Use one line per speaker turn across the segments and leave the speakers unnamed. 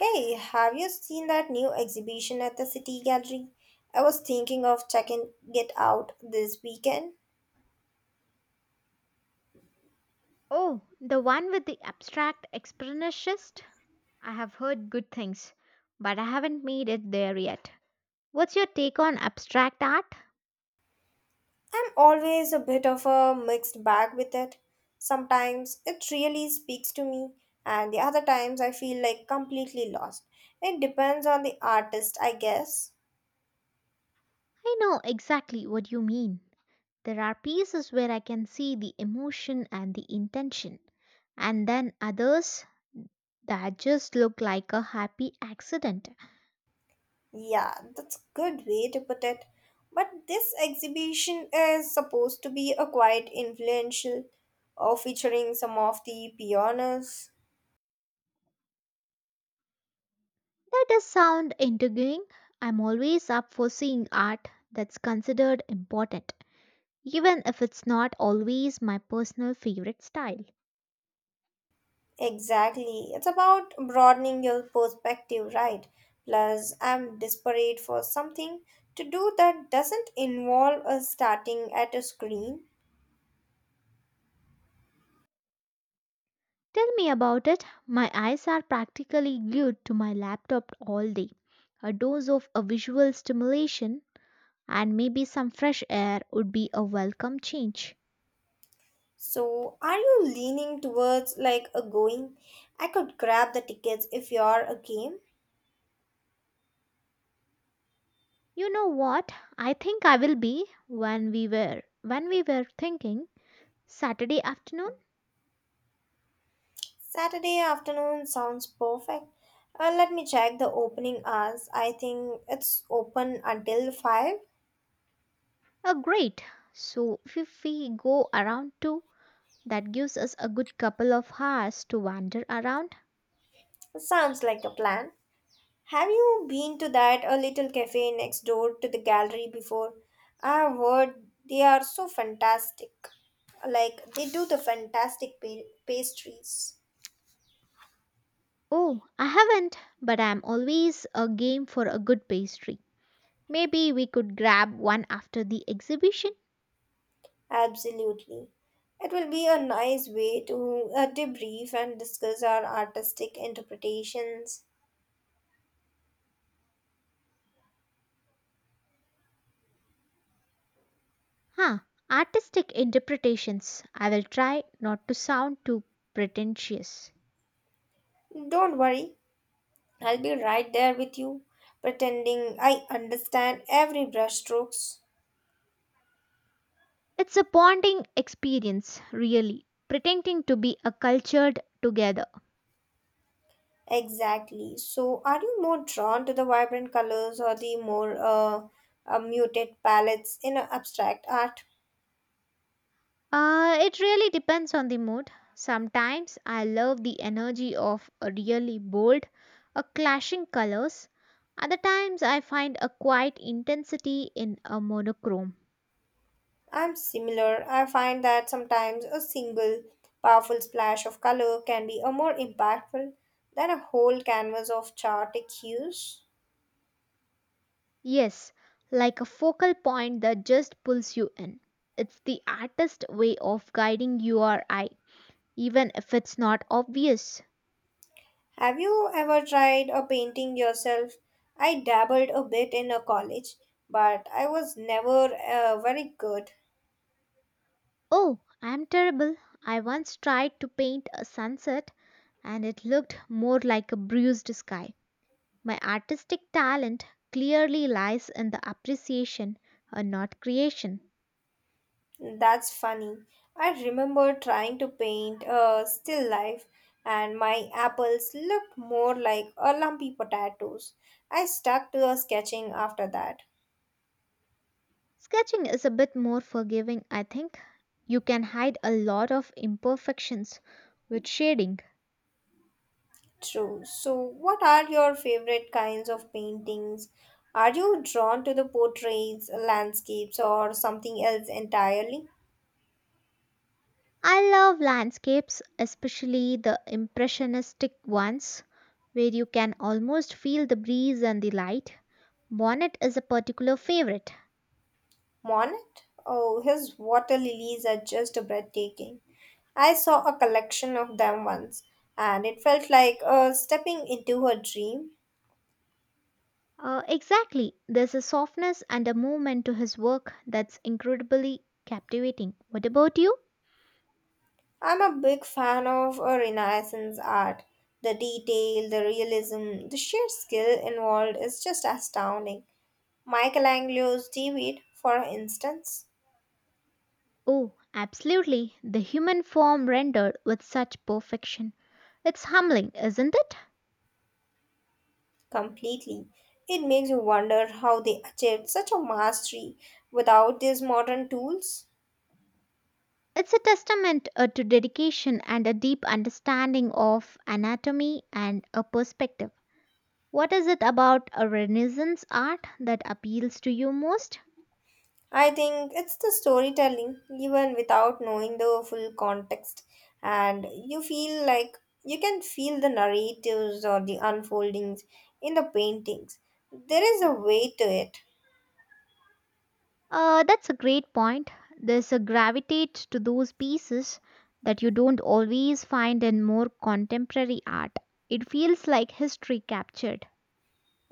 Hey, have you seen that new exhibition at the City Gallery? I was thinking of checking it out this weekend.
Oh, the one with the abstract expressionist? I have heard good things, but I haven't made it there yet. What's your take on abstract art?
I'm always a bit of a mixed bag with it. Sometimes it really speaks to me, and the other times I feel like completely lost. It depends on the artist, I guess.
I know exactly what you mean. There are pieces where I can see the emotion and the intention, and then others that just look like a happy accident.
Yeah, that's a good way to put it. But this exhibition is supposed to be a quite influential, featuring some of the pioneers.
That does sound intriguing. I'm always up for seeing art that's considered important, even if it's not always my personal favorite style.
Exactly. It's about broadening your perspective, right? Plus, I'm desperate for something to do that doesn't involve us starting at a screen.
Tell me about it. My eyes are practically glued to my laptop all day. A dose of a visual stimulation and maybe some fresh air would be a welcome change.
So, are you leaning towards like a going? I could grab the tickets if you're a game.
You know what? I think I will be when we were thinking Saturday afternoon.
Saturday afternoon sounds perfect. Let me check the opening hours. I think it's open until 5.
Oh, great. So if we go around two, that gives us a good couple of hours to wander around.
Sounds like a plan. Have you been to that a little cafe next door to the gallery before? I've heard they are so fantastic. Like they do the fantastic pastries.
Oh, I haven't, but I'm always a game for a good pastry. Maybe we could grab one after the exhibition?
Absolutely. It will be a nice way to debrief and discuss our artistic interpretations.
Huh, artistic interpretations. I will try not to sound too pretentious.
Don't worry, I'll be right there with you, pretending I understand every brushstrokes.
It's a bonding experience, really, pretending to be a cultured together.
Exactly. So, are you more drawn to the vibrant colors or the more muted palettes in abstract art?
It really depends on the mood. Sometimes I love the energy of a really bold, a clashing colors. Other times I find a quiet intensity in a monochrome.
I'm similar. I find that sometimes a single powerful splash of color can be a more impactful than a whole canvas of chaotic hues.
Yes, like a focal point that just pulls you in. It's the artist way of guiding your eye, even if it's not obvious.
Have you ever tried a painting yourself? I dabbled a bit in a college, but I was never very good.
Oh, I'm terrible. I once tried to paint a sunset and it looked more like a bruised sky. My artistic talent clearly lies in the appreciation and not creation.
That's funny. I remember trying to paint a still life, and my apples looked more like a lumpy potatoes. I stuck to a sketching after that.
Sketching is a bit more forgiving, I think. You can hide a lot of imperfections with shading.
True. So, what are your favorite kinds of paintings? Are you drawn to the portraits, landscapes, or something else entirely?
I love landscapes, especially the impressionistic ones, where you can almost feel the breeze and the light. Bonnet is a particular favorite.
Monet? Oh, his water lilies are just breathtaking. I saw a collection of them once, and it felt like stepping into a dream.
Exactly, there's a softness and a movement to his work that's incredibly captivating. What about you?
I'm a big fan of Renaissance art. The detail, the realism, the sheer skill involved is just astounding. Michelangelo's David, for instance,
Oh, absolutely. The human form rendered with such perfection. It's humbling, isn't it?
completely. It makes you wonder how they achieved such a mastery without these modern tools.
It's a testament to dedication and a deep understanding of anatomy and a perspective. What is it about a Renaissance art that appeals to you most?
I think it's the storytelling, even without knowing the full context, and you feel like you can feel the narratives or the unfoldings in the paintings. There is a way to it,
That's a great point. There's a gravitate to those pieces that you don't always find in more contemporary art. It feels like history captured.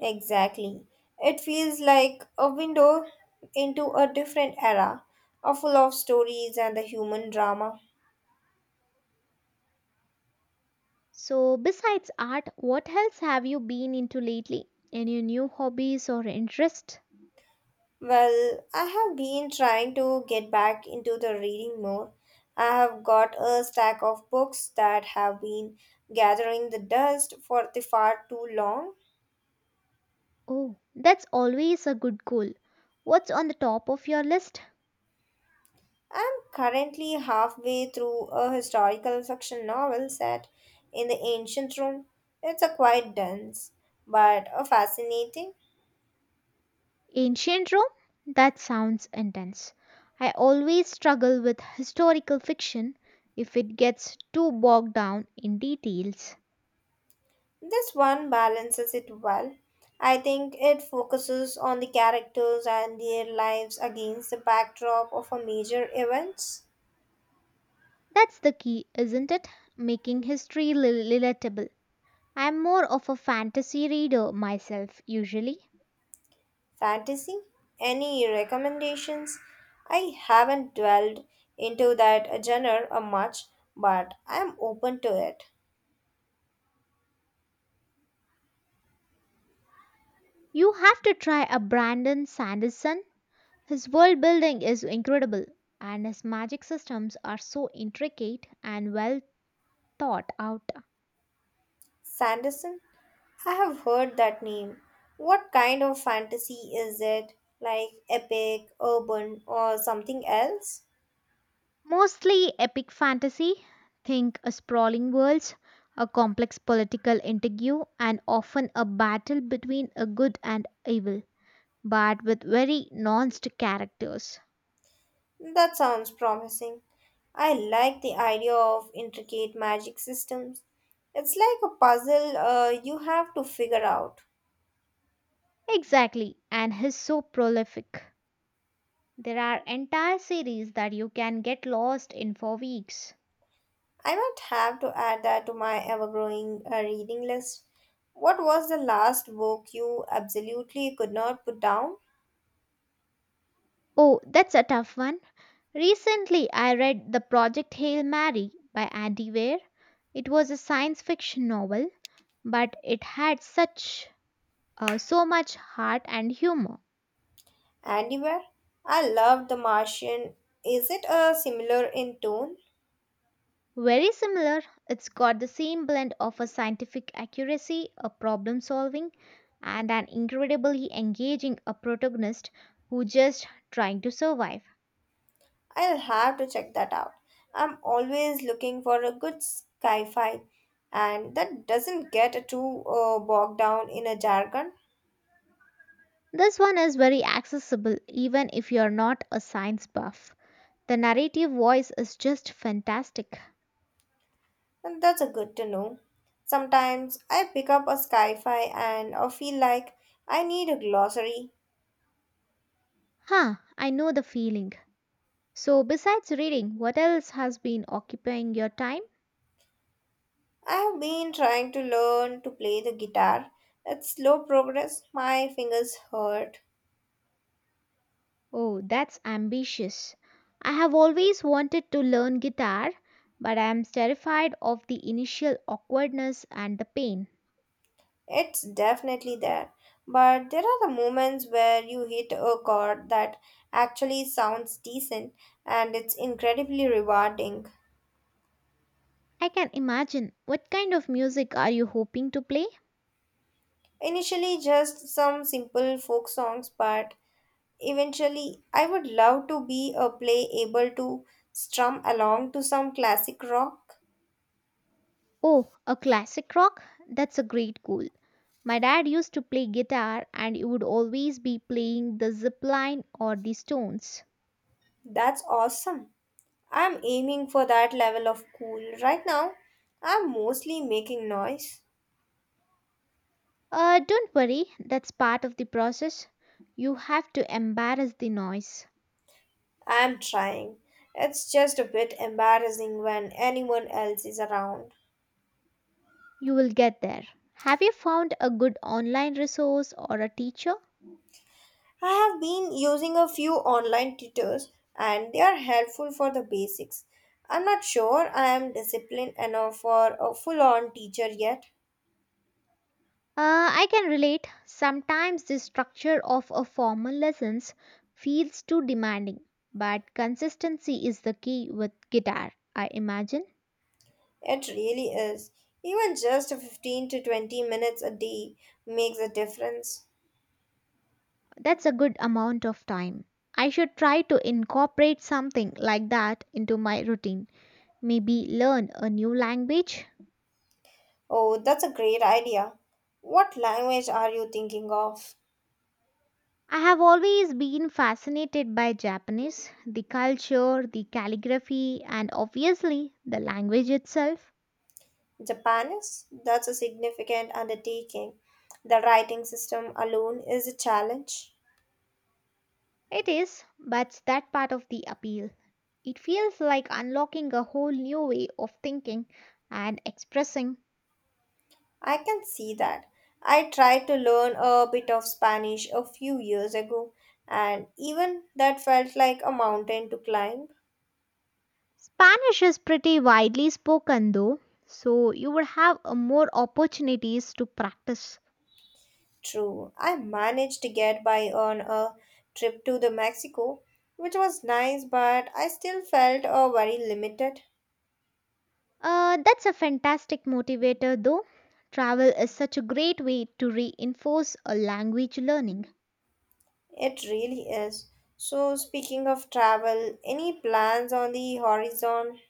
exactly. It feels like a window into a different era, a full of stories and the human drama.
So, besides art, what else have you been into lately? Any new hobbies or interests?
Well, I have been trying to get back into the reading more. I have got a stack of books that have been gathering the dust for the far too long.
Oh, that's always a good goal. What's on the top of your list?
I'm currently halfway through a historical fiction novel set in the ancient Rome. It's a quite dense, but a fascinating.
Ancient Rome? That sounds intense. I always struggle with historical fiction if it gets too bogged down in details.
This one balances it well. I think it focuses on the characters and their lives against the backdrop of a major events.
That's the key, isn't it? Making history relatable. I'm more of a fantasy reader myself, usually.
Fantasy? Any recommendations? I haven't dwelled into that genre a much, but I'm open to it.
You have to try a Brandon Sanderson. His world building is incredible, and his magic systems are so intricate and well thought out.
Sanderson? I have heard that name. What kind of fantasy is it? Like epic, urban, or something else?
Mostly epic fantasy, think a sprawling worlds, a complex political intrigue, and often a battle between a good and evil, but with very nuanced characters.
That sounds promising. I like the idea of intricate magic systems. It's like a puzzle you have to figure out.
Exactly, and he's so prolific. There are entire series that you can get lost in for weeks.
I might have to add that to my ever growing reading list. What was the last book you absolutely could not put down?
Oh, that's a tough one. Recently, I read The Project Hail Mary by Andy Weir. It was a science fiction novel, but it had such so much heart and humor.
Anywhere? I loved The Martian. Is it similar in tone?
Very similar, it's got the same blend of a scientific accuracy, a problem solving, and an incredibly engaging a protagonist who just trying to survive.
I'll have to check that out. I'm always looking for a good sci fi and that doesn't get too bogged down in a jargon,
This one is very accessible even if you're not a science buff. The narrative voice is just fantastic.
and that's a good to know. Sometimes I pick up a sci fi and I feel like I need a glossary.
Huh, I know the feeling. So, besides reading, what else has been occupying your time?
I have been trying to learn to play the guitar. It's slow progress, my fingers hurt.
Oh, that's ambitious. I have always wanted to learn guitar, but I am terrified of the initial awkwardness and the pain.
It's definitely there. But there are the moments where you hit a chord that actually sounds decent and it's incredibly rewarding.
I can imagine. What kind of music are you hoping to play?
Initially, just some simple folk songs, but eventually, I would love to be a play able to strum along to some classic rock.
Oh, a classic rock? That's a great goal. My dad used to play guitar and he would always be playing the zipline or the stones.
That's awesome. I'm aiming for that level of cool. Right now, I'm mostly making noise.
Don't worry, that's part of the process. You have to embarrass the noise.
I'm trying. It's just a bit embarrassing when anyone else is around.
You will get there. Have you found a good online resource or a teacher?
I have been using a few online tutors and they are helpful for the basics. I'm not sure I am disciplined enough for a full on teacher yet.
I can relate. Sometimes the structure of a formal lessons feels too demanding, but consistency is the key with guitar, I imagine.
It really is. Even just 15 to 20 minutes a day makes a difference.
That's a good amount of time. I should try to incorporate something like that into my routine. Maybe learn a new language.
Oh, that's a great idea. What language are you thinking of?
I have always been fascinated by Japanese, the culture, the calligraphy, and obviously the language itself.
Japanese? That's a significant undertaking. The writing system alone is a challenge.
It is, but that part of the appeal. It feels like unlocking a whole new way of thinking and expressing.
I can see that. I tried to learn a bit of Spanish a few years ago, and even that felt like a mountain to climb.
Spanish is pretty widely spoken though, so you would have more opportunities to practice.
True, I managed to get by on a trip to the Mexico, which was nice, but I still felt very limited.
That's a fantastic motivator though. Travel is such a great way to reinforce a language learning.
It really is. So, speaking of travel, any plans on the horizon?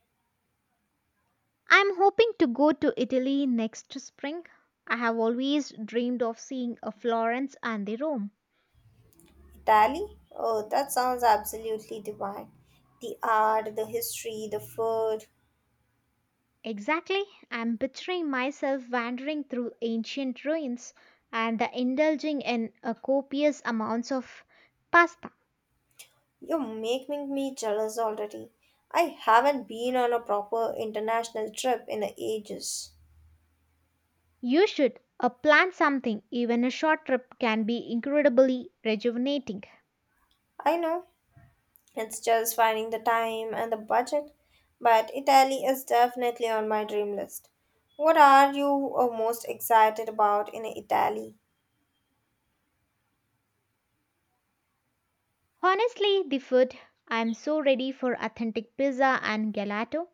I'm hoping to go to Italy next spring. I have always dreamed of seeing a Florence and the Rome.
Tally? Oh, that sounds absolutely divine. The art, the history, the food.
Exactly, I'm picturing myself wandering through ancient ruins and indulging in a copious amounts of pasta.
You're making me jealous already. I haven't been on a proper international trip in ages.
You should plan something. Even a short trip can be incredibly rejuvenating.
I know, it's just finding the time and the budget, but Italy is definitely on my dream list. What are you most excited about in Italy?
Honestly, the food, I'm so ready for authentic pizza and gelato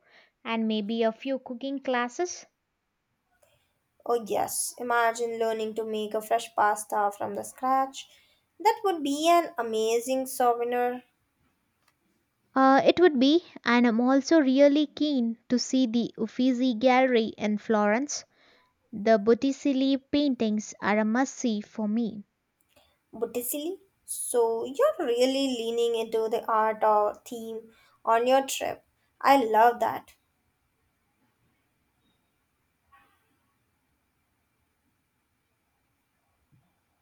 and maybe a few cooking classes.
Oh, yes, imagine learning to make a fresh pasta from the scratch. That would be an amazing souvenir,
It would be, and I'm also really keen to see the Uffizi Gallery in Florence. The Botticelli paintings are a must see for me.
Botticelli. So, you're really leaning into the art or theme on your trip. I love that.